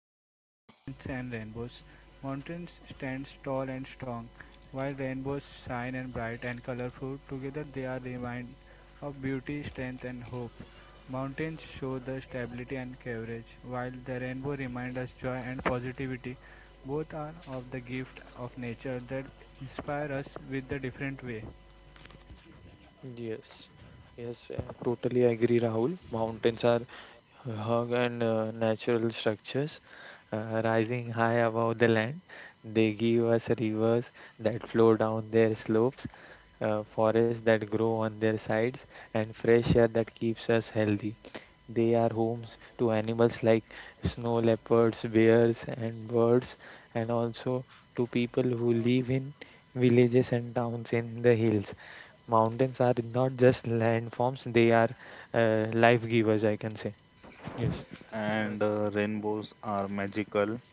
of nature mountains and rainbows. Mountains stand tall and strong, while rainbows shine and bright and colorful. Together, they are remind of beauty, strength, and hope. Mountains show the stability and courage, while the rainbow reminds us joy and positivity. Both are of the gift of nature that inspire us with the different way. Yes, yes, totally agree, Rahul. Mountains are hug and natural structures rising high above the land. They give us rivers that flow down their slopes, forests that grow on their sides, and fresh air that keeps us healthy. They are homes to animals like snow leopards, bears, and birds, and also to people who live in villages and towns in the hills. Mountains are not just landforms, they are life givers, I can say. Yes, And Rainbows are magical.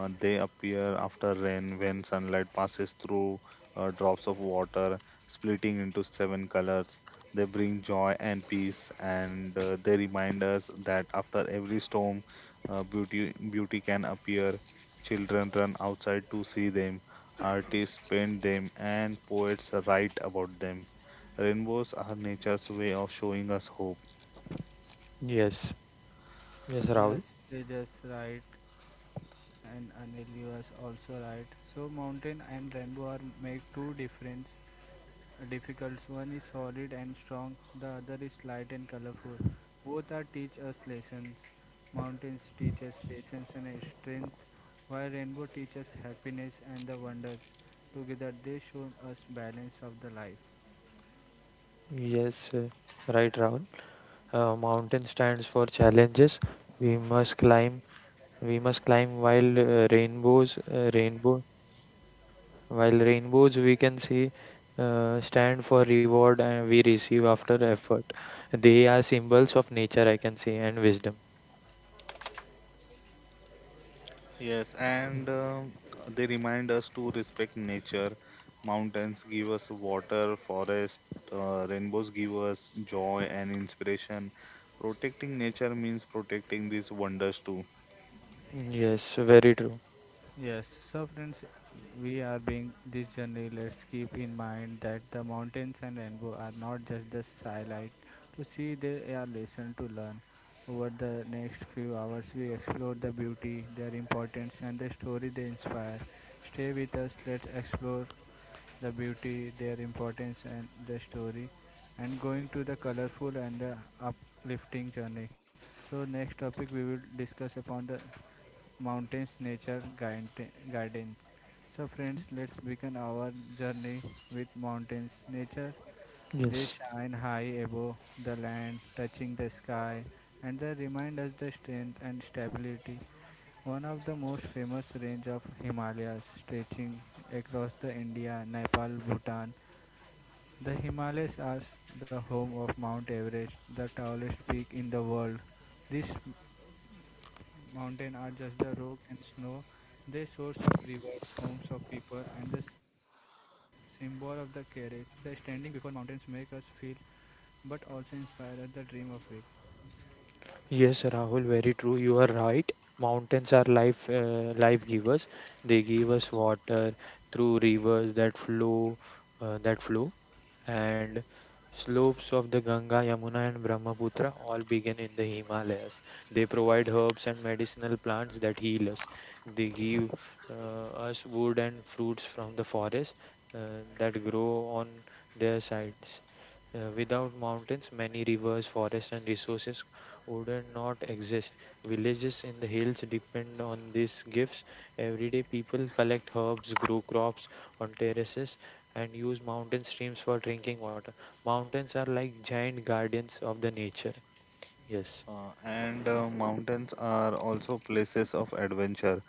They appear after rain when sunlight passes through drops of water, splitting into seven colors. They bring joy and peace, and they remind us that after every storm, beauty can appear. Children run outside to see them, artists paint them, and poets write about them. Rainbows are nature's way of showing us hope. yes, yes, Rahul. Yes, Tejas right and Anil you was also right. So mountain and rainbow are make two difference difficults. One is solid and strong, the other is light and colorful. Both are teach us lessons. Mountains teach us patience and strength, while rainbow teaches happiness and the wonders. Together they show us balance of the life. Yes, right, Rahul. Mountain stands for challenges. We must climb, we must climb while uh, rainbows, uh, rainbow, while rainbows we can see stand for reward and we receive after effort. They are symbols of nature, I can say, and wisdom. Yes, and they remind us to respect nature. Mountains give us water, forest, rainbows give us joy and inspiration. Protecting nature means protecting these wonders too. Yes, very true. Yes, so friends, we are being this journey. Let's keep in mind that the mountains and rainbow are not just the highlight to see; they are lesson to learn. Over the next few hours, we explore the beauty, their importance, and the story they inspire. Stay with us. Let's explore the beauty, their importance, and the story, and going to the colorful and the uplifting journey. So, next topic we will discuss upon the mountains nature garden garden. So friends, let's begin our journey with mountains nature. They Yes. shine high above the land, touching the sky, and they remind us the strength and stability. One of the most famous range of Himalayas stretching across the India, Nepal, Bhutan. The Himalayas are the home of Mount Everest, the tallest peak in the world. This Mountains are just the rock and snow. They source of rivers, homes of people, and the symbol of the courage. The standing before mountains make us feel, but also inspire us the dream of big. Yes, Rahul, very true. You are right. Mountains are life, life givers. They give us water through rivers that flow, uh, that flow and slopes of the Ganga, Yamuna, and Brahmaputra all begin in the Himalayas. They provide herbs and medicinal plants that heal us. They give us wood and fruits from the forest that grow on their sides. Without mountains, many rivers, forests, and resources would not exist. Villages in the hills depend on these gifts. Everyday people collect herbs, grow crops on terraces, and use mountain streams for drinking water. Mountains are like giant guardians of the nature. Yes, And Mountains are also places of adventure.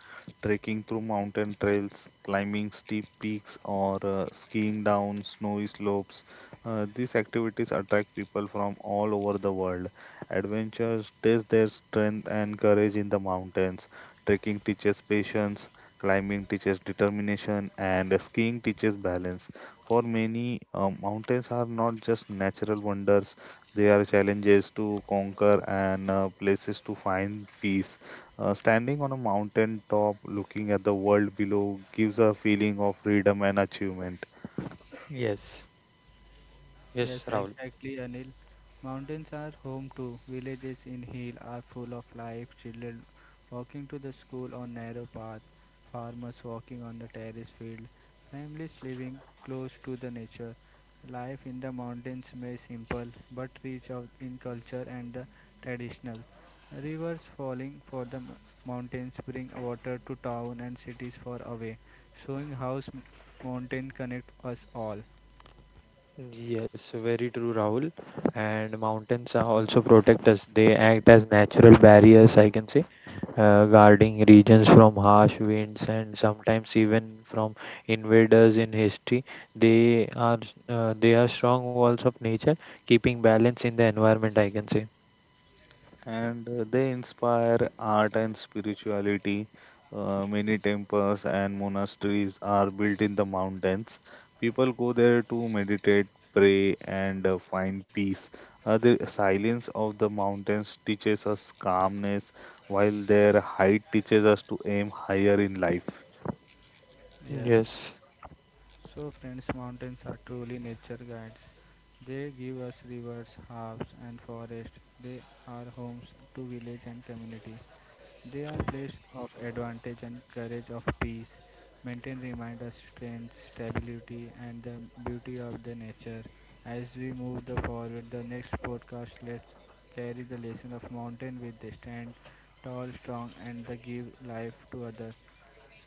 Trekking through mountain trails, climbing steep peaks, or skiing down snowy slopes. These activities attract people from all over the world. Adventures test their strength and courage in the mountains. Trekking teaches patience, climbing teaches determination, and skiing teaches balance. For many, mountains are not just natural wonders, there are challenges to conquer and places to find peace. Standing on a mountain top looking at the world below gives a feeling of freedom and achievement. yes, yes, Yes, Rahul. exactly, Anil. Mountains are home too. Villages in hill are full of life. Children walking to the school on narrow path, farmers walking on the terrace field, families living close to the nature. Life in the mountains may simple but rich of in culture and the traditional. Rivers falling for the mountains bring water to town and cities far away, showing how mountain connect us all. Yes, very true, Rahul. And mountains are also protect us. They act as natural barriers, I can say, guarding regions from harsh winds and sometimes even from invaders in history. They are they are strong walls of nature, keeping balance in the environment, I can say. And they inspire art and spirituality. Many temples and monasteries are built in the mountains. People go there to meditate, pray, and find peace. The silence of the mountains teaches us calmness, while their height teaches us to aim higher in life. Yes. Yes, So, friends, mountains are truly nature guides. They give us rivers, harbors, and forests. They are homes to village and community. They are places of advantage and courage of peace. Maintain remind us strength, stability, and the beauty of the nature. As we move the forward, the next podcast let's carry the lesson of mountain with the stand tall, strong, and the give life to others.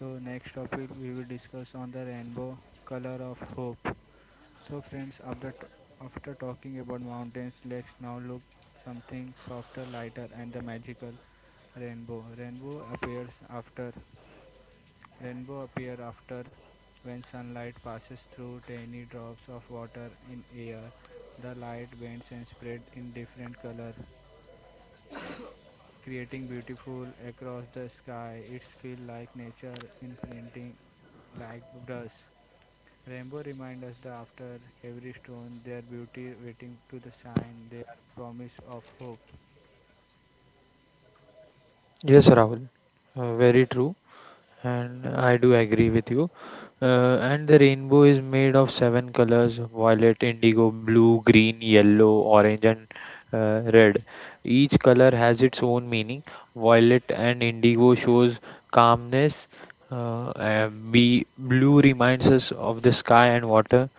So next topic we will discuss on the rainbow color of hope. So friends, after talking about mountains, let's now look something softer, lighter, and the magical rainbow. Rainbow appears after Rainbow appear after when sunlight passes through tiny drops of water in air. The light bends and spread in different color, creating beautiful across the sky. It's feel like nature in printing like brush. Rainbow reminds us that after every stone, their beauty waiting to the shine. They are promise of hope. yes, Rahul. Very true. And I do agree with you. And the rainbow is made of seven colors: violet, indigo, blue, green, yellow, orange, and red. Each color has its own meaning. Violet and indigo shows calmness. Be blue reminds us of the sky and water.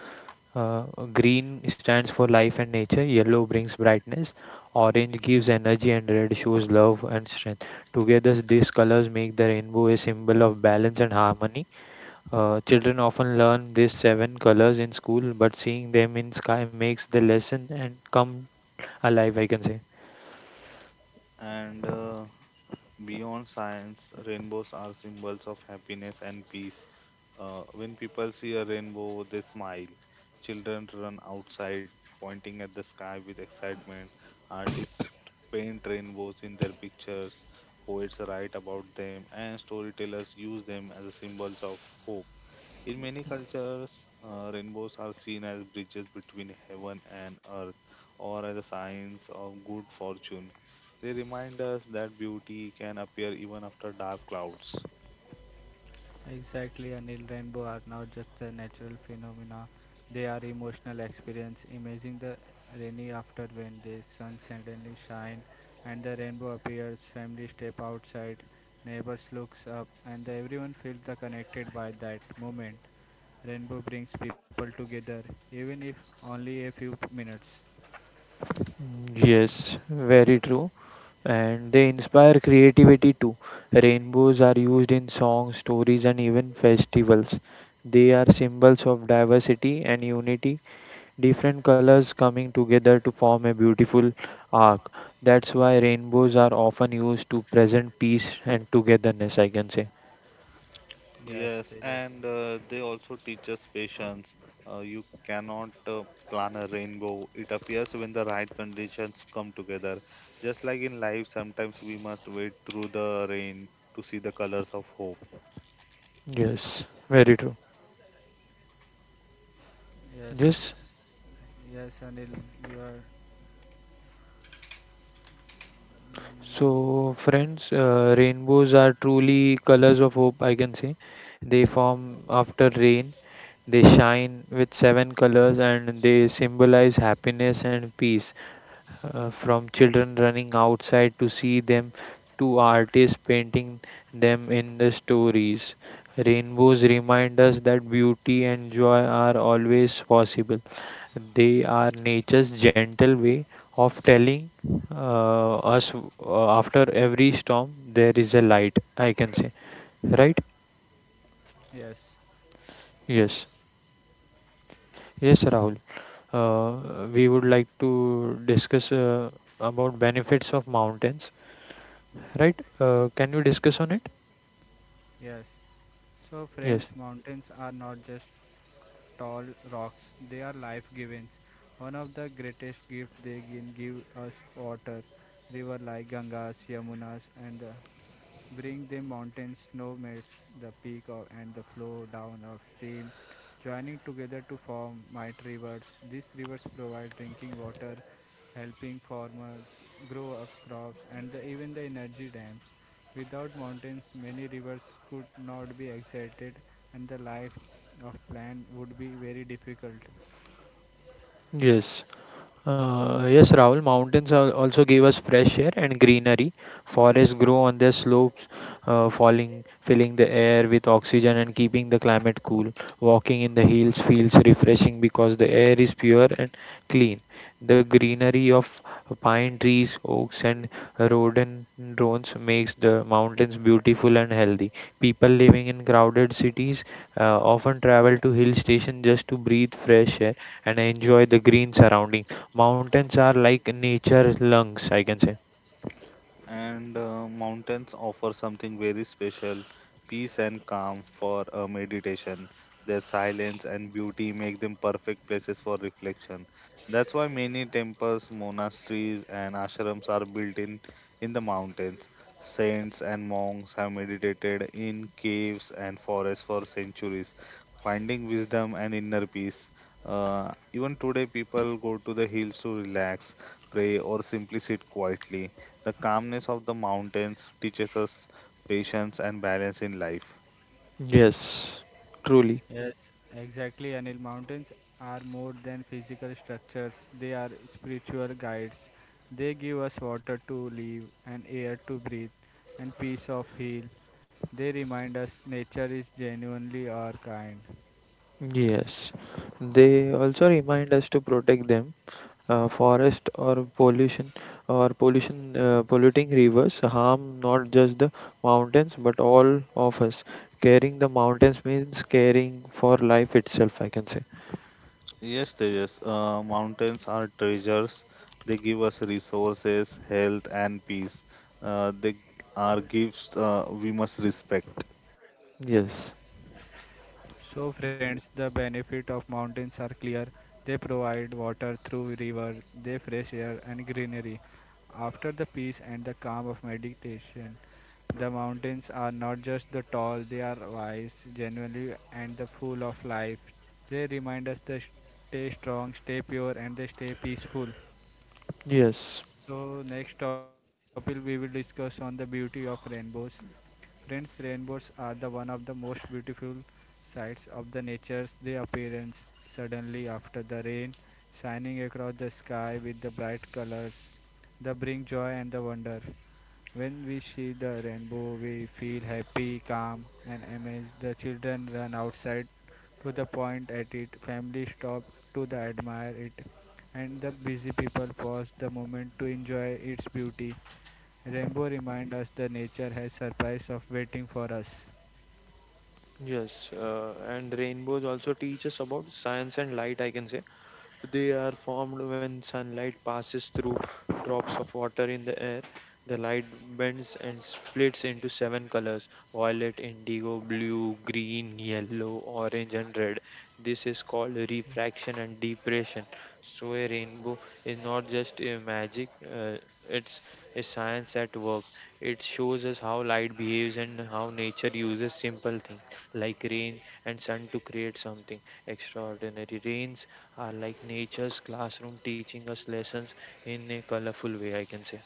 Uh, green stands for life and nature, yellow brings brightness, orange gives energy, and red shows love and strength. Together, these colors make the rainbow a symbol of balance and harmony. Children often learn these seven colors in school, but seeing them in sky makes the lesson and come alive, I can say. And Beyond science, rainbows are symbols of happiness and peace. When people see a rainbow, they smile. Children run outside, pointing at the sky with excitement. Artists paint rainbows in their pictures. Poets write about them, and storytellers use them as symbols of hope. In many cultures, rainbows are seen as bridges between heaven and earth or as a signs of good fortune. They remind us that beauty can appear even after dark clouds. Exactly, Anil. Rainbow are not just a natural phenomena; they are emotional experience. Imagine the rainy after when the sun suddenly shine and the rainbow appears. Family step outside, neighbors looks up, and the- everyone feels the connected by that moment. Rainbow brings people together, even if only a few minutes. Mm, yes, very true. And they inspire creativity too. Rainbows are used in songs, stories, and even festivals. They are symbols of diversity and unity, different colors coming together to form a beautiful arc. That's why rainbows are often used to present peace and togetherness, I can say. Yes, Yes, Tejas. and they also teach us patience. You cannot plan a rainbow. It appears when the right conditions come together. Just like in life, sometimes we must wait through the rain to see the colors of hope. Yes, very true. Yes, Yes. yes, Anil, you are. Mm, So, friends, rainbows are truly colors of hope, I can say. They form after rain. They shine with seven colors and they symbolize happiness and peace. From children running outside to see them to artists painting them in the stories. Rainbows remind us that beauty and joy are always possible. They are nature's gentle way of telling us after every storm there is a light, I can say. Right? yes. Yes. Yes, Rahul. We would like to discuss about benefits of mountains, right? Can you discuss on it? Yes. So, Yes. friends, mountains are not just tall rocks, they are life givings. One of the greatest gifts they can give us water. River like Gangas, Yamunas, and the bring the mountain snow melts the peak of, and the flow down of stream, joining together to form mighty rivers. These rivers provide drinking water, helping farmers grow of crops and the, even the energy dams. Without mountains, many rivers could not be excited and the life of plant would be very difficult. Yes. Yes, Rahul, mountains also give us fresh air and greenery. Forests grow on their slopes, filling the air with oxygen and keeping the climate cool. Walking in the hills feels refreshing because the air is pure and clean. The greenery of pine trees, oaks, and rhododendrons makes the mountains beautiful and healthy. People living in crowded cities often travel to hill stations just to breathe fresh air and enjoy the green surroundings. Mountains are like nature lungs, I can say. And Mountains offer something very special, peace and calm for meditation. Their silence and beauty make them perfect places for reflection. That's why many temples, monasteries, and ashrams are built in the mountains. Saints and monks have meditated in caves and forests for centuries, finding wisdom and inner peace. Even today, people go to the hills to relax, pray, or simply sit quietly. The calmness of the mountains teaches us patience and balance in life. Yes, truly. Yes, exactly, Anil. Mountains are more than physical structures, they are spiritual guides. They give us water to live and air to breathe and peace of heal. They remind us nature is genuinely our kind. Yes. They also remind us to protect them. Forest or pollution polluting rivers harm not just the mountains but all of us. Caring the mountains means caring for life itself, I can say. Yes, Tejas, mountains are treasures. They give us resources, health, and peace. They are gifts we must respect. Yes. So, friends, the benefit of mountains are clear. They provide water through river, they fresh air and greenery. After the peace and the calm of meditation, the mountains are not just the tall, they are wise, genuinely and the full of life. They remind us to stay strong, stay pure and they stay peaceful. Yes. So next topic we will discuss on the beauty of rainbows. Friends, rainbows are the one of the most beautiful sights of the nature's they appearance suddenly after the rain, shining across the sky with the bright colors. They bring joy and the wonder. When we see the rainbow, we feel happy, calm, and amazed. The children run outside to the point at it. Families stopped to the admire it, and the busy people paused the moment to enjoy its beauty. Rainbow reminds us that nature has surprise of waiting for us. Yes, and rainbows also teach us about science and light, I can say. They are formed when sunlight passes through drops of water in the air. The light bends and splits into seven colors: violet, indigo, blue, green, yellow, orange, and red. This is called refraction and depression. So, a rainbow is not just a magic, it's a science at work. It shows us how light behaves and how nature uses simple things like rain and sun to create something extraordinary. Rains are like nature's classroom teaching us lessons in a colorful way, I can say.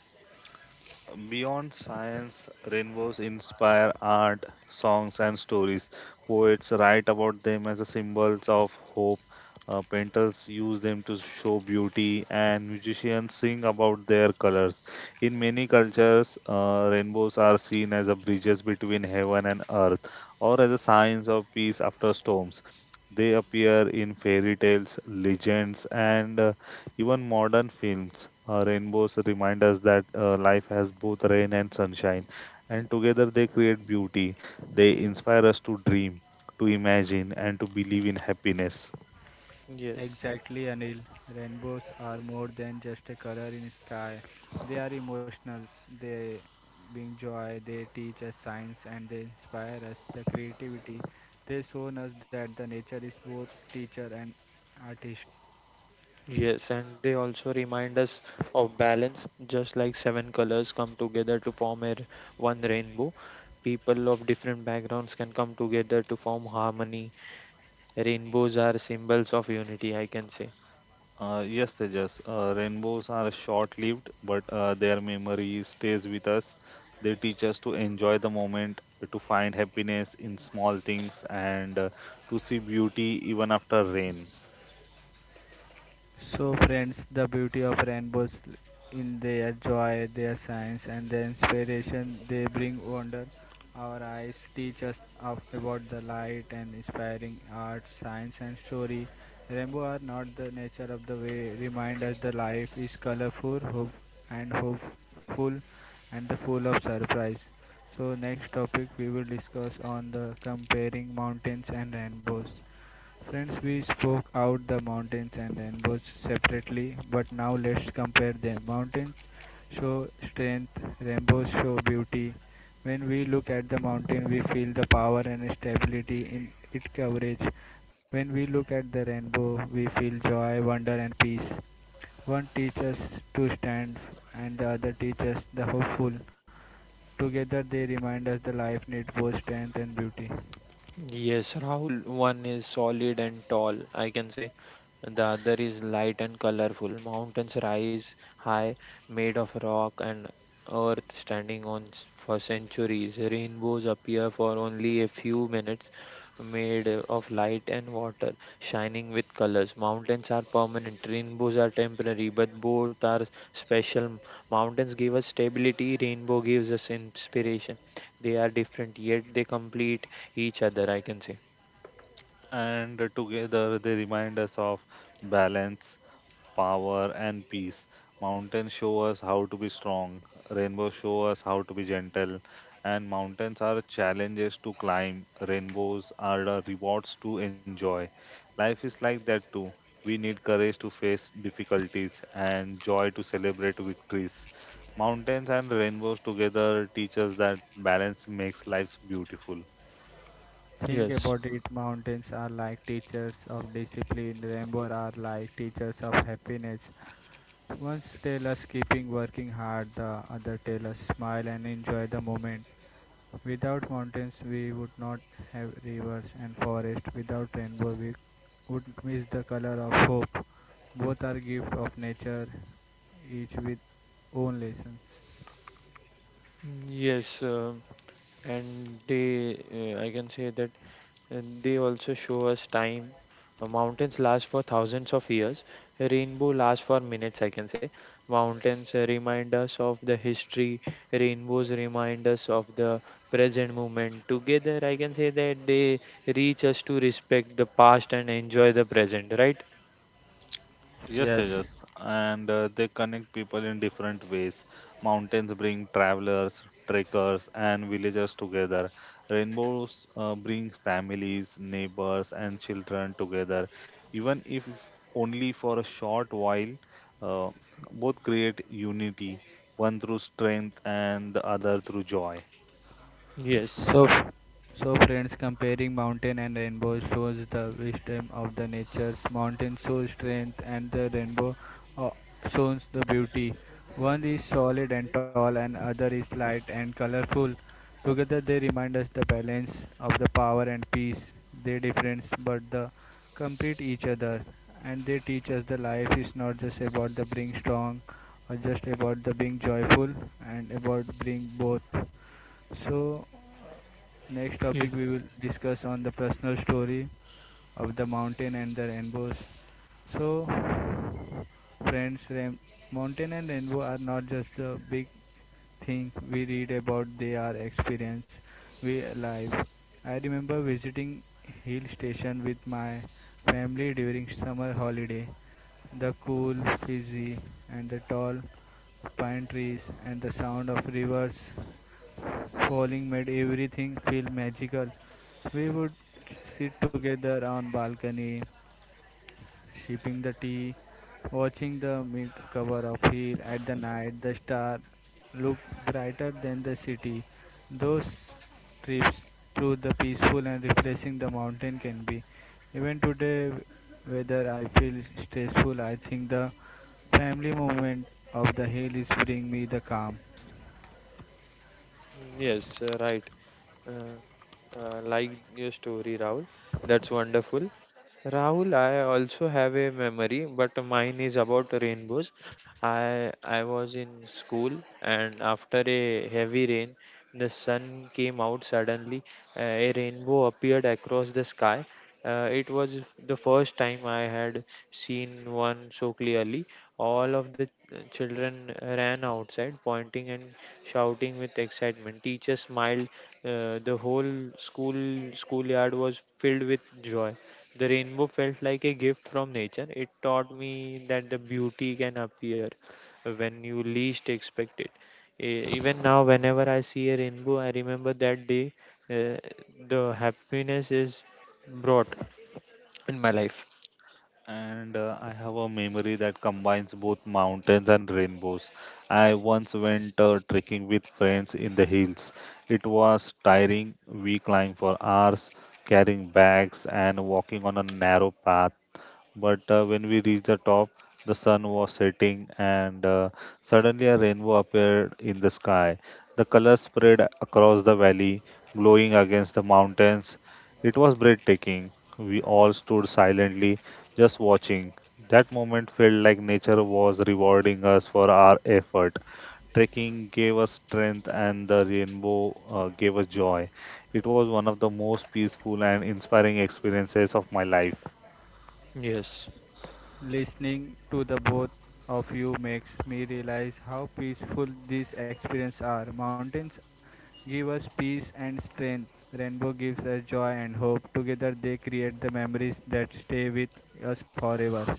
Beyond science, rainbows inspire art, songs, and stories. Poets write about them as a symbols of hope. Painters use them to show beauty, and musicians sing about their colors. In many cultures, rainbows are seen as a bridges between heaven and earth, or as a signs of peace after storms. They appear in fairy tales, legends, and even modern films. Rainbows remind us that life has both rain and sunshine, and together they create beauty. They inspire us to dream, to imagine, and to believe in happiness. Yes. Exactly, Anil. Rainbows are more than just a color in sky. They are emotional. They bring joy. They teach us science and they inspire us the creativity. They shown us that the nature is both teacher and artist. Yes, and they also remind us of balance, just like seven colors come together to form one rainbow. People of different backgrounds can come together to form harmony. Rainbows are symbols of unity, I can say. Yes, Tejas, rainbows are short lived, but their memory stays with us. They teach us to enjoy the moment, to find happiness in small things, and to see beauty even after rain. So, friends, the beauty of rainbows in their joy, their science, and the inspiration they bring wonder. Our eyes teach us of, about the light and inspiring art, science, and story. Rainbow are not the nature of the way. Remind us the life is colorful, hope and hopeful, and the full of surprise. So, next topic we will discuss on the comparing mountains and rainbows. Friends, we spoke out the mountains and rainbows separately, but now let's compare them. Mountains show strength, rainbows show beauty. When we look at the mountain, we feel the power and stability in its coverage. When we look at the rainbow, we feel joy, wonder, and peace. One teaches to stand, and the other teaches the hopeful. Together, they remind us the life needs both strength and beauty. Yes, Rahul, one is solid and tall, I can say, and the other is light and colorful. Mountains rise high, made of rock and earth, for centuries. Rainbows appear for only a few minutes, made of light and water, shining with colors. Mountains are permanent, rainbows are temporary, but both are special. Mountains give us stability, rainbow gives us inspiration. They are different, yet they complete each other, I can say. And together they remind us of balance, power, and peace. Mountains show us how to be strong, rainbows show us how to be gentle, and mountains are challenges to climb, rainbows are the rewards to enjoy. Life is like that too. We need courage to face difficulties and joy to celebrate victories. Mountains and rainbows together teach us that balance makes life beautiful. Think Yes. about it mountains are like teachers of discipline, rainbows are like teachers of happiness. One tell us keeping working hard, the other tell us smile and enjoy the moment. Without mountains, we would not have rivers and forests. Without rainbow, we would miss the color of hope. Both are gifts of nature, each with own lessons. Mm, yes, and they, I can say that they also show us time. Mountains last for thousands of years. A rainbow lasts for minutes, I can say. Mountains remind us of the history. Rainbows remind us of the present moment. Together, I can say that they reach us to respect the past and enjoy the present, right? Yes, Yes, Tejas, and they connect people in different ways. Mountains bring travelers, trekkers, and villagers together. Rainbows bring families, neighbors, and children together. Even if only for a short while, uh, both create unity, one through strength and the other through joy. Yes. so, so friends, comparing mountain and rainbow shows the wisdom of the nature's mountain shows strength, and the rainbow uh, shows the beauty. One is solid and tall, and other is light and colorful. Together, they remind us the balance of the power and peace. They difference, but the complete each other, and they teach us the life is not just about the being strong, or just about the being joyful, and about being both. So, next Yes. topic we will discuss on the personal story of the mountain and the rainbows. So, friends, mountain and rainbow are not just the big thing we read about, they are experience we live. I remember visiting hill station with my family during summer holiday the cool fizzy and the tall pine trees and the sound of rivers falling made everything feel magical. We would sit together on balcony sipping the tea, watching the mid cover of hill at the night. The star looked brighter than the city. Those trips through the peaceful and refreshing the mountain can be. Even today, whether I feel stressful, I think the family moment of the hill is bring me the calm. Yes, right. Uh, like your story, Rahul. That's wonderful. Rahul, I also have a memory, but mine is about rainbows. I was in school, and after a heavy rain, the sun came out suddenly. Uh, a rainbow appeared across the sky. The first time I had seen one so clearly. All of the children ran outside, pointing and shouting with excitement. Teachers smiled. The whole school schoolyard was filled with joy. The rainbow felt like a gift from nature. It taught me that the beauty can appear when you least expect it. Even now, whenever I see a rainbow, I remember that day. Uh, the happiness is brought in my life. And I have a memory that combines both mountains and rainbows. I once went trekking with friends in the hills. It was tiring. We climbed for hours, carrying bags and walking on a narrow path. But when we reached the top, the sun was setting, and suddenly a rainbow appeared in the sky. The colors spread across the valley, glowing against the mountains. It was breathtaking. We all stood silently, just watching. That moment felt like nature was rewarding us for our effort. Trekking gave us strength, and the rainbow gave us joy. It was one of the most peaceful and inspiring experiences of my life. Yes. Listening to the both of you makes me realize how peaceful these experiences are. Mountains give us peace and strength. Rainbow gives us joy and hope. Together they create the memories that stay with us forever.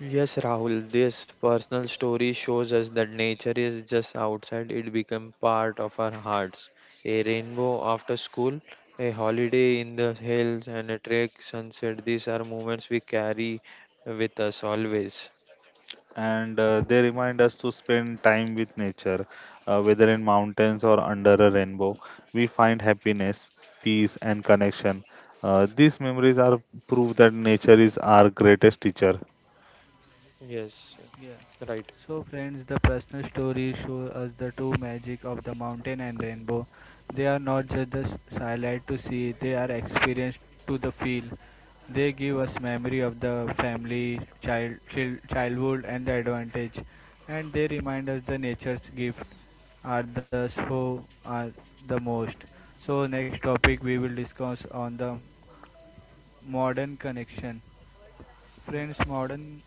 Yes, Rahul, this personal story shows us that nature is just outside, it becomes part of our hearts. A rainbow after school, a holiday in the hills, and a trek sunset. These are moments we carry with us always. And they remind us to spend time with nature, whether in mountains or under a rainbow. We find happiness, peace, and connection. These memories are proof that nature is our greatest teacher. Yes, Yeah. right. So friends, the personal stories show us the true magic of the mountain and rainbow. They are not just the sight to see; they are experienced to the feel. They give us memory of the family, child, childhood, and the advantage, and they remind us the nature's gift are the so are the most. So next topic we will discuss on the modern connection. Mm. Friends, modern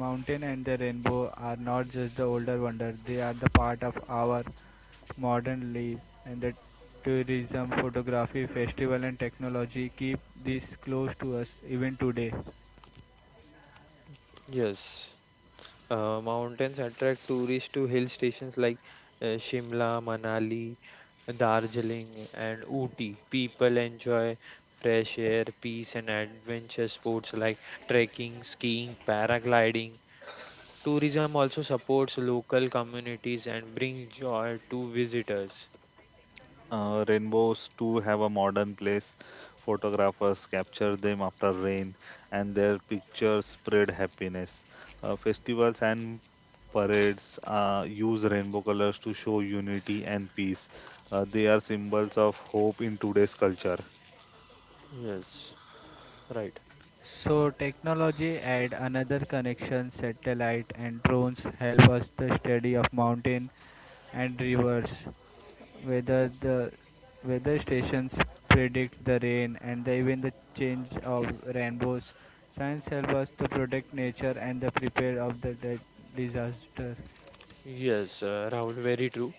mountain and the rainbow are not just the older wonder, they are the part of our modern life and the tourism, photography, festival and technology keep this close to us even today. Yes. Mountains attract tourists to hill stations like Shimla, Manali, Darjeeling, and Ooty. People enjoy fresh air, peace, and adventure sports like trekking, skiing, paragliding. Tourism also supports local communities and brings joy to visitors. Rainbows too have a modern place. Photographers capture them after rain, and their pictures spread happiness. Festivals and parades use rainbow colors to show unity and peace. They are symbols of hope in today's culture. Yes, right. So technology add another connection, satellite and drones help us the study of mountain and rivers, whether the weather stations predict the rain and the, even the change of rainbows. Science help us to protect nature and the prepare of the disaster. Yes, Rahul, very true.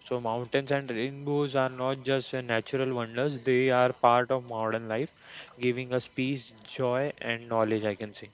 So, mountains and rainbows are not just natural wonders, they are part of modern life, giving us peace, joy, and knowledge, I can say.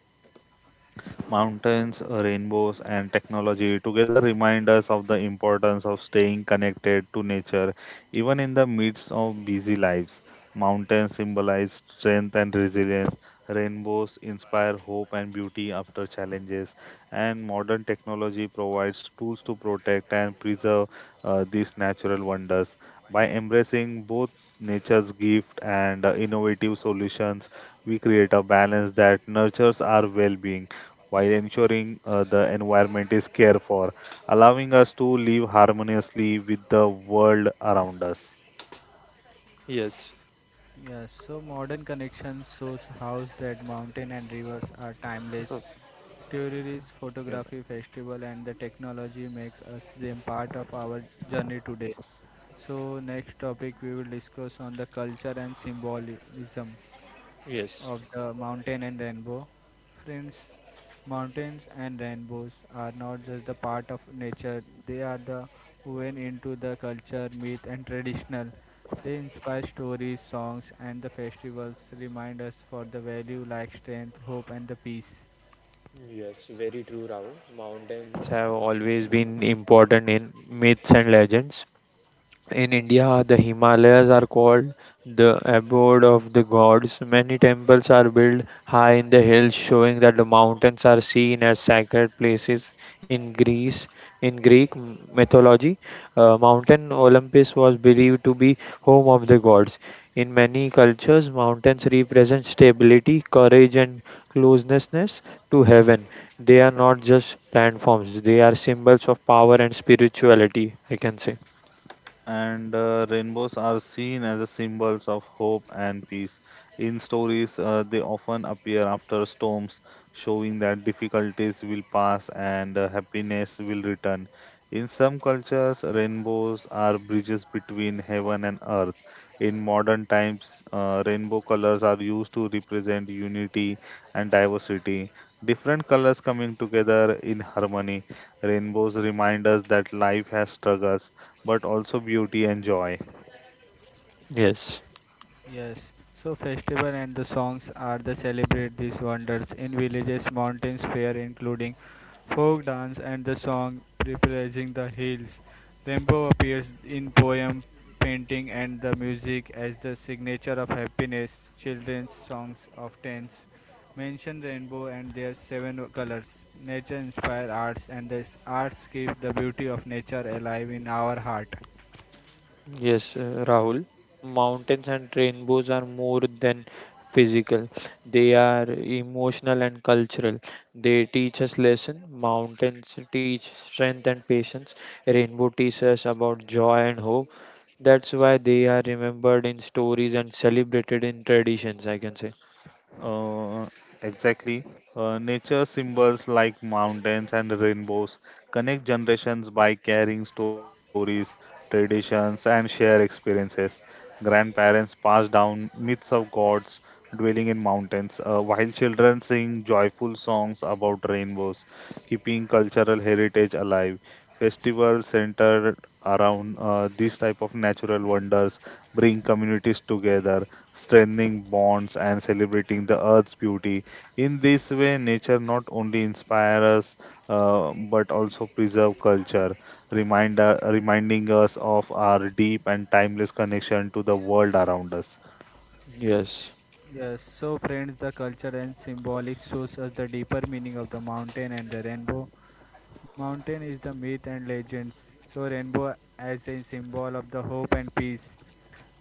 Mountains, rainbows, and technology together remind us of the importance of staying connected to nature, even in the midst of busy lives. Mountains symbolize strength and resilience. Rainbows inspire hope and beauty after challenges, and modern technology provides tools to protect and preserve these natural wonders. By embracing both nature's gift and innovative solutions, we create a balance that nurtures our well being while ensuring the environment is cared for, allowing us to live harmoniously with the world around us. Yes, Yes, so modern connections shows how that mountain and rivers are timeless. असं होतं. Tourist photography festival and the technology make us them part of our journey today. So next topic we will discuss on the culture and symbolism yes. of the mountain and rainbow. Friends, mountains and rainbows are not just the part of nature, they are the woven into the culture, myth, and traditional. They inspire stories, songs, and the festivals, remind us for the value like strength, hope, and the peace. Yes, very true, Rahul. Mountains have always been important in myths and legends. In India, the Himalayas are called the abode of the gods. Many temples are built high in the hills, showing that the mountains are seen as sacred places. In Greece, in Greek mythology, Mountain Olympus was believed to be home of the gods. In many cultures, mountains represent stability, courage, and closeness to heaven. They are not just platforms; they are symbols of power and spirituality. I can say. And rainbows are seen as a symbols of hope and peace. In stories, they often appear after storms, showing that difficulties will pass and happiness will return. In some cultures, rainbows are bridges between heaven and earth. In modern times, rainbow colors are used to represent unity and diversity. Different colors coming together in harmony. Rainbows remind us that life has struggles but also beauty and joy. Yes. Yes, so festival and the songs are the celebrate these wonders in villages, mountains, fair including folk dance and the song preparing the hills. Rainbow appears in poem, painting and the music as the signature of happiness. Children's songs of tents mention rainbow and their seven colors. Nature inspire arts and the arts keep the beauty of nature alive in our heart. Yes, Rahul. Mountains and rainbows are more than physical. They are emotional and cultural. They teach us lesson. Mountains teach strength and patience. Rainbow teaches us about joy and hope. That's why they are remembered in stories and celebrated in traditions, I can say. Uh, exactly. Nature symbols like mountains and rainbows connect generations by carrying stories, traditions, and shared experiences. Grandparents pass down myths of gods dwelling in mountains, while children sing joyful songs about rainbows, keeping cultural heritage alive. Festivals centered around these type of natural wonders bring communities together, strengthening bonds and celebrating the earth's beauty. In this way, nature not only inspires us but also preserve culture, reminding us of our deep and timeless connection to the world around us. Yes. Yes, so friends, the culture and symbolic shows us the deeper meaning of the mountain and the rainbow. Mountain is the myth and legends, so rainbow as a symbol of the hope and peace.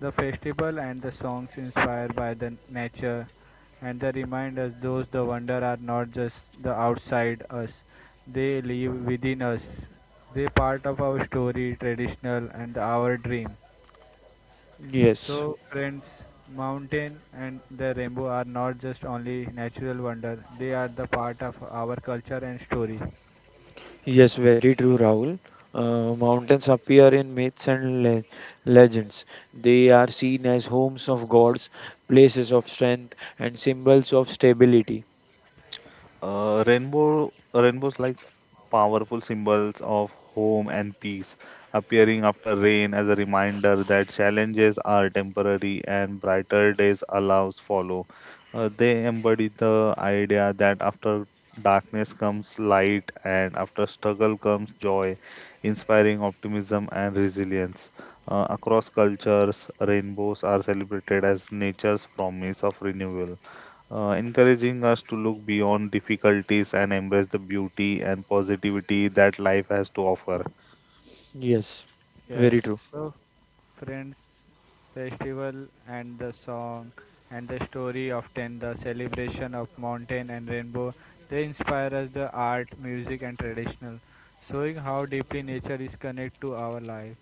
The festival and the songs inspired by the nature and they remind us those the wonder are not just the outside us, they live within us. They part of our story, traditional and our dream. Yes. So, friends, mountain and the rainbow are not just only natural wonder; they are the part of our culture and story. Yes, very true, Rahul. Mountains appear in myths and legends. They are seen as homes of gods, places of strength, and symbols of stability. Rainbows like powerful symbols of home and peace, appearing after rain as a reminder that challenges are temporary and brighter days allows follow. They embody the idea that after darkness comes light and after struggle comes joy, inspiring optimism and resilience. Across cultures, rainbows are celebrated as nature's promise of renewal, encouraging us to look beyond difficulties and embrace the beauty and positivity that life has to offer. Yes, Yes. very true. So, friends, festival and the song and the story of ten, the celebration of mountain and rainbow, they inspire us the art, music, and traditional, showing how deeply nature is connected to our life.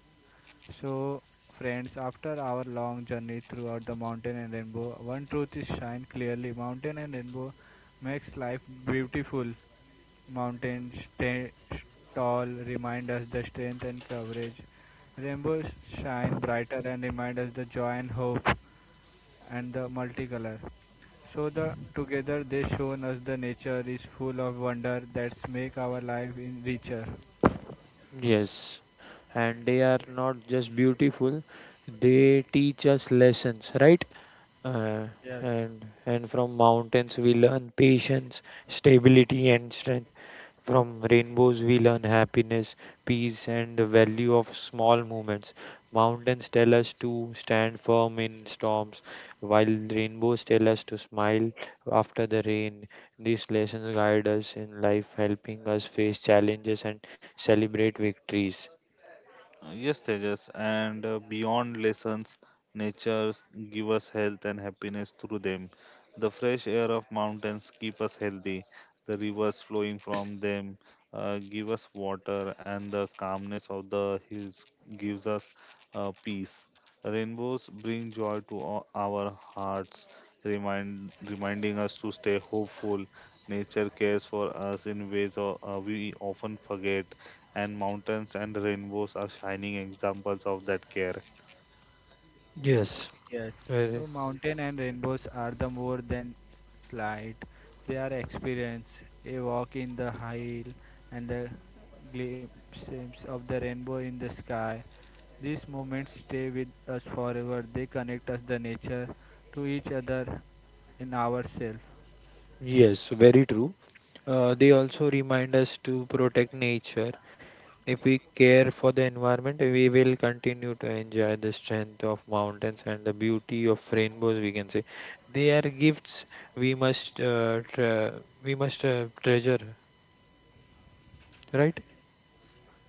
So, friends, after our long journey throughout the mountain and rainbow, one truth is shine clearly. Mountain and rainbow makes life beautiful. Mountains tall remind us the strength and courage. Rainbows shine brighter and remind us the joy and hope and the multicolor. So the together they shown us the nature is full of wonder that make our life in richer. Yes, and they are not just beautiful, they teach us lessons, right? Uh, Yes. and from mountains we learn patience, stability, and strength. From rainbows, we learn happiness, peace, and the value of small moments. Mountains tell us to stand firm in storms, while rainbows tell us to smile after the rain. These lessons guide us in life, helping us face challenges and celebrate victories. Yes, Tejas, and beyond lessons, nature give us health and happiness through them. The fresh air of mountains keep us healthy. The rivers flowing from them give us water, and the calmness of the hills gives us peace. Rainbows bring joy to our hearts, reminding us to stay hopeful. Nature cares for us in ways we often forget, and mountains and rainbows are shining examples of that care. Yes, Yes, so very, mountain and rainbows are the more than slight. They are experience. A walk in the hill and the glimpses of the rainbow in the sky. These moments stay with us forever. They connect us the nature to each other in ourselves. yes, very true. They also remind us to protect nature. If we care for the environment, we will continue to enjoy the strength of mountains and the beauty of rainbows. We can say they are gifts we must uh, tre- we must treasure, right?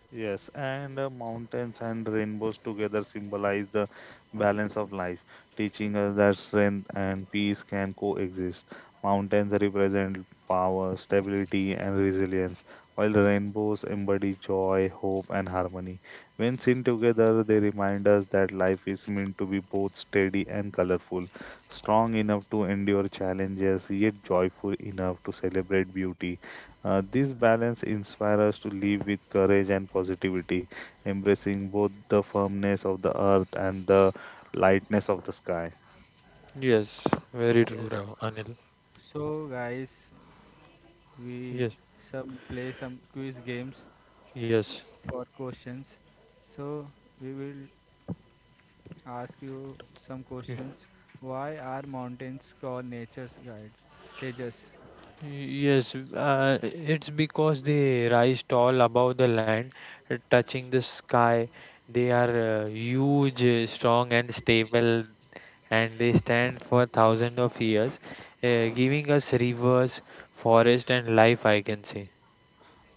Yes, and mountains and rainbows together symbolize the balance of life, teaching us that strength and peace can coexist. Mountains represent power, stability, and resilience, while rainbows embody joy, hope, and harmony. When seen together, they remind us that life is meant to be both steady and colorful, strong enough to endure challenges, yet joyful enough to celebrate beauty. This balance inspires us to live with courage and positivity, embracing both the firmness of the earth and the lightness of the sky. Yes, very Yes. true, Rao, Anil. So guys, we Yes, some play some quiz games yes. for questions. So we will ask you some questions. Y- Why are mountains called nature's guides? Tejas. Yes, it's because they rise tall above the land, touching the sky. They are huge, strong, and stable. And they stand for thousands of years, giving us rivers, forest, and life, I can say.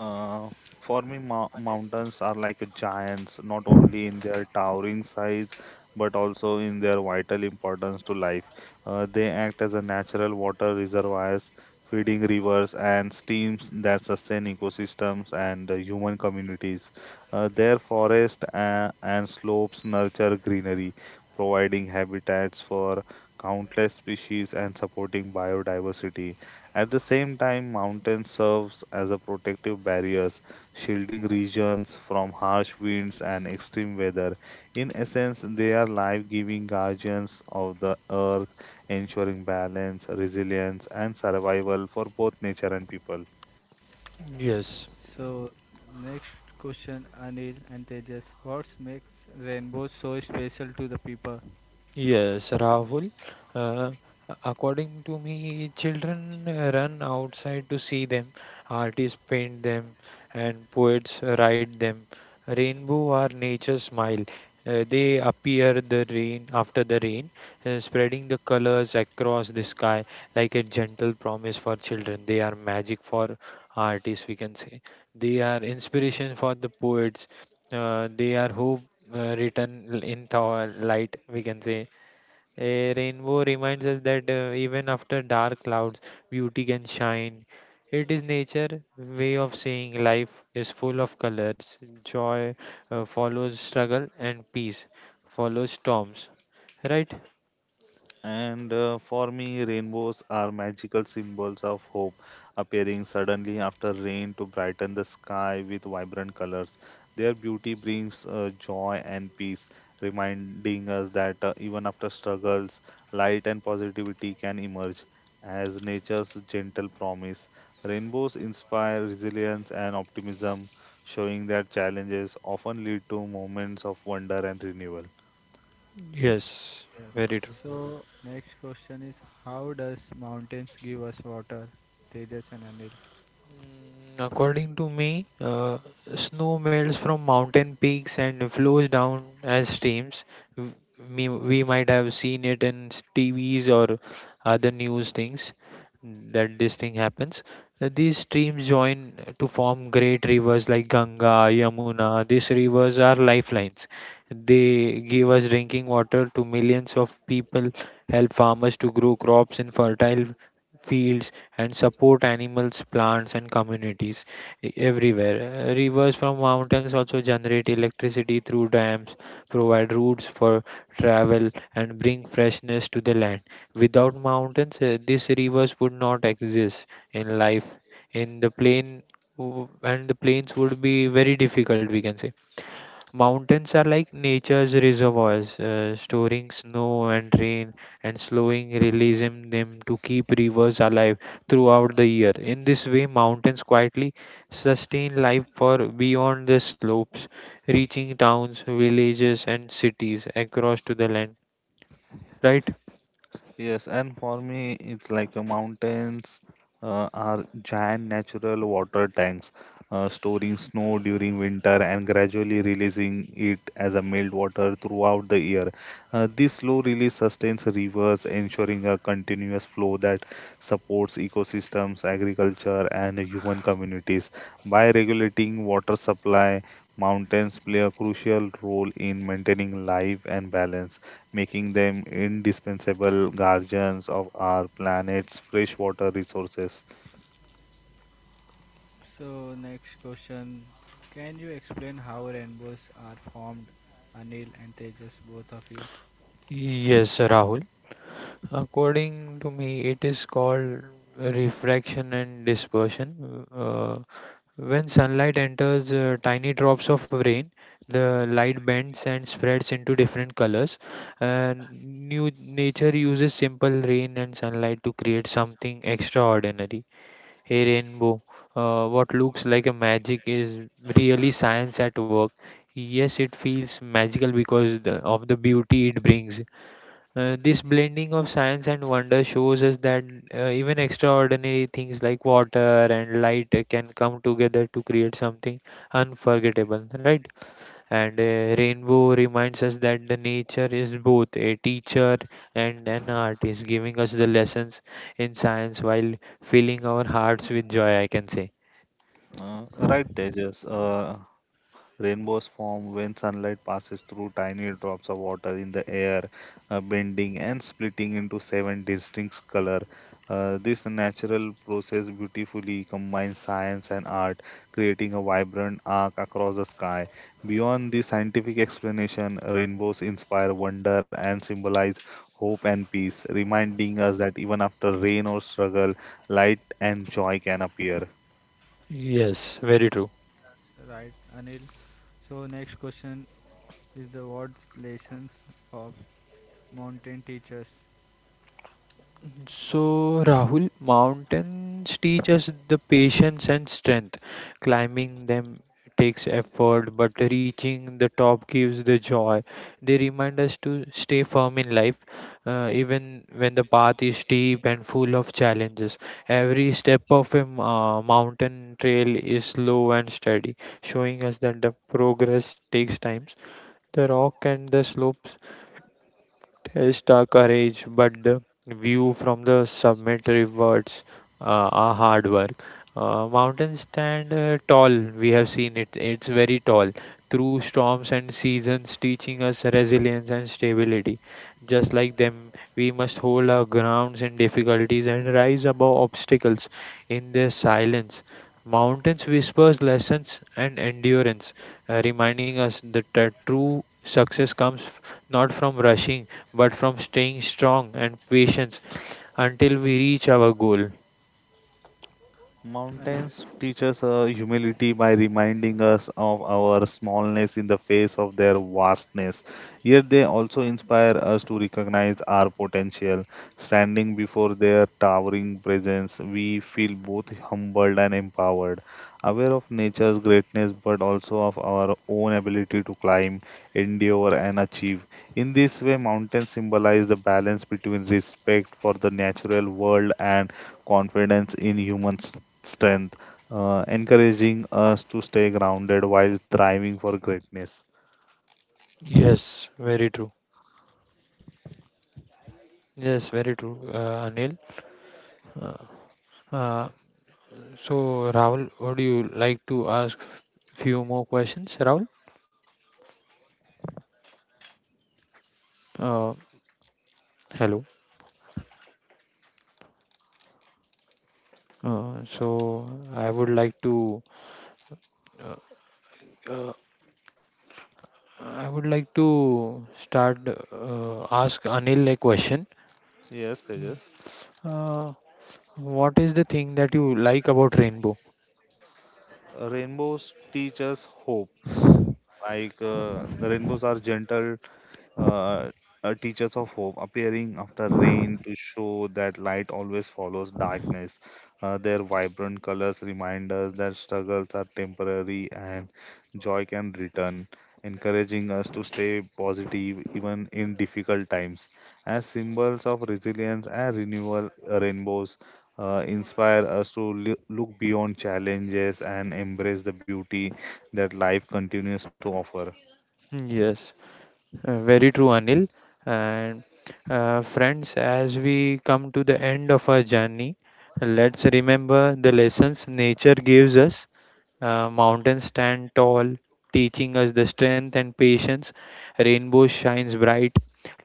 Uh, for me, mountains are like giants, not only in their towering size, but also in their vital importance to life. They act as a natural water reservoirs, feeding rivers and streams that sustain ecosystems and human communities. Their forests and slopes nurture greenery, providing habitats for countless species and supporting biodiversity. At the same time, mountains serves as a protective barriers, shielding regions from harsh winds and extreme weather. In essence, they are life-giving guardians of the earth, ensuring balance, resilience, and survival for both nature and people. Yes. So next question Anil and Tejas. What makes rainbows so special to the people? Yes, Rahul. Uh, According to me, children run outside to see them, artists paint them, and poets write them. Rainbow are nature's smile. They appear the rain after the rain, spreading the colors across the sky like a gentle promise for children. They are magic for artists, we can say. They are inspiration for the poets. They are hope written in thaw light, we can say. A rainbow reminds us that even after dark clouds, beauty can shine. It is nature' way of saying life is full of colors. Joy follows struggle, and peace follows storms. Right? And for me, rainbows are magical symbols of hope, appearing suddenly after rain to brighten the sky with vibrant colors. Their beauty brings joy and peace, reminding us that even after struggles, light and positivity can emerge. As nature's gentle promise, rainbows inspire resilience and optimism, showing that challenges often lead to moments of wonder and renewal. Yes, Yes. very true. So next question is how does mountains give us water? Tejas and Anil. According to me, snow melts from mountain peaks and flows down as streams. W- we might have seen it in TVs or other news things that this thing happens. These streams join to form great rivers like Ganga, Yamuna. These rivers are lifelines. They give us drinking water to millions of people, help farmers to grow crops in fertile fields and support animals, plants, and communities everywhere. Rivers from mountains also generate electricity through dams, provide routes for travel, and bring freshness to the land. Without mountains, these rivers would not exist in life. In the plain, and the plains would be very difficult, we can say. Mountains are like nature's reservoirs, storing snow and rain and slowing releasing them to keep rivers alive throughout the year. In this way, mountains quietly sustain life for beyond the slopes, reaching towns, villages, and cities across to the land. Right? Yes, and for me, it's like mountains are giant natural water tanks, storing snow during winter and gradually releasing it as a meltwater throughout the year. This slow release sustains rivers, ensuring a continuous flow that supports ecosystems, agriculture, and human communities. By regulating water supply, mountains play a crucial role in maintaining life and balance, making them indispensable guardians of our planet's freshwater resources. So next question, can you explain how rainbows are formed? Anil and Tejas, both of you. Yes, Rahul. According to me, it is called refraction and dispersion. When sunlight enters tiny drops of rain, the light bends and spreads into different colors. And new nature uses simple rain and sunlight to create something extraordinary. A rainbow, what looks like a magic, is really science at work. Yes, it feels magical because of the beauty it brings. This blending of science and wonder shows us that even extraordinary things like water and light can come together to create something unforgettable, right? And rainbow reminds us that the nature is both a teacher and an artist, giving us the lessons in science while filling our hearts with joy, I can say. Right, Tejas. Rainbows form when sunlight passes through tiny drops of water in the air, bending and splitting into seven distinct colors. This natural process beautifully combines science and art, creating a vibrant arc across the sky. Beyond the scientific explanation, rainbows inspire wonder and symbolize hope and peace, reminding us that even after rain or struggle, light and joy can appear. Yes, very true. Yes, right, Anil. So next question is the what's lessons of mountain teachers? So, Rahul, mountains teach us the patience and strength. Climbing them takes effort, but reaching the top gives the joy. They remind us to stay firm in life, even when the path is steep and full of challenges. Every step of a mountain trail is slow and steady, showing us that the progress takes time. The rock and the slopes test our courage, but the view from the summit rewards uh, our hard work. Mountains stand tall, we have seen it, it's very tall, through storms and seasons, teaching us resilience and stability. Just like them, we must hold our grounds in difficulties and rise above obstacles in their silence. Mountains whispers lessons and endurance, reminding us that true success comes not from rushing but from staying strong and patience until we reach our goal. Anil. Mountains teach us humility by reminding us of our smallness in the face of their vastness. Yet they also inspire us to recognize our potential. Standing before their towering presence, we feel both humbled and empowered, aware of nature's greatness but also of our own ability to climb, endure, and achieve. In this way, mountains symbolize the balance between respect for the natural world and confidence in humans strength, encouraging us to stay grounded while striving for greatness. Yes, very true. Yes, very true, Anil. Uh, uh, so, Rahul, would you like to ask few more questions, Rahul? Uh, Hello. So, I would like to uh, uh, I would like to start ask Anil a question. Yes, Tejas. Uh, what is the thing that you like about rainbow? Rainbows teach us hope. Like the rainbows are gentle uh, teachers of hope appearing after rain to show that light always follows darkness. Their vibrant colors remind us that struggles are temporary and joy can return, encouraging us to stay positive even in difficult times. As symbols of resilience and renewal, rainbows inspire us to look beyond challenges and embrace the beauty that life continues to offer. Yes. Very true, Anil. And friends, as we come to the end of our journey, let's remember the lessons nature gives us. Mountains stand tall, teaching us the strength and patience. Rainbow shines bright,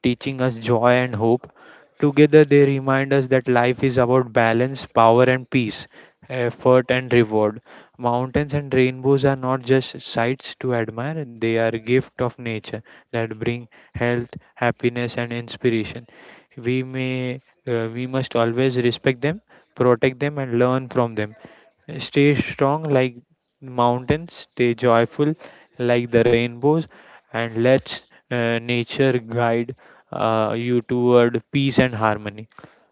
teaching us joy and hope. Together, they remind us that life is about balance, power, and peace, effort, and reward. Mountains and rainbows are not just sights to admire, they are a gift of nature that bring health, happiness, and inspiration. We may, we must always respect them, protect them, and learn from them. Stay strong like mountains, stay joyful like the rainbows, and let nature guide you toward peace and harmony.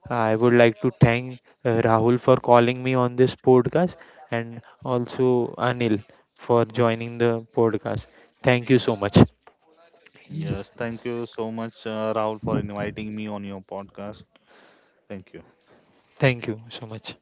I would like to thank Rahul for calling me on this podcast and also Anil for joining the podcast. Thank you so much. Yes, thank you so much, Rahul, for inviting me on your podcast. Thank you. Thank you so much.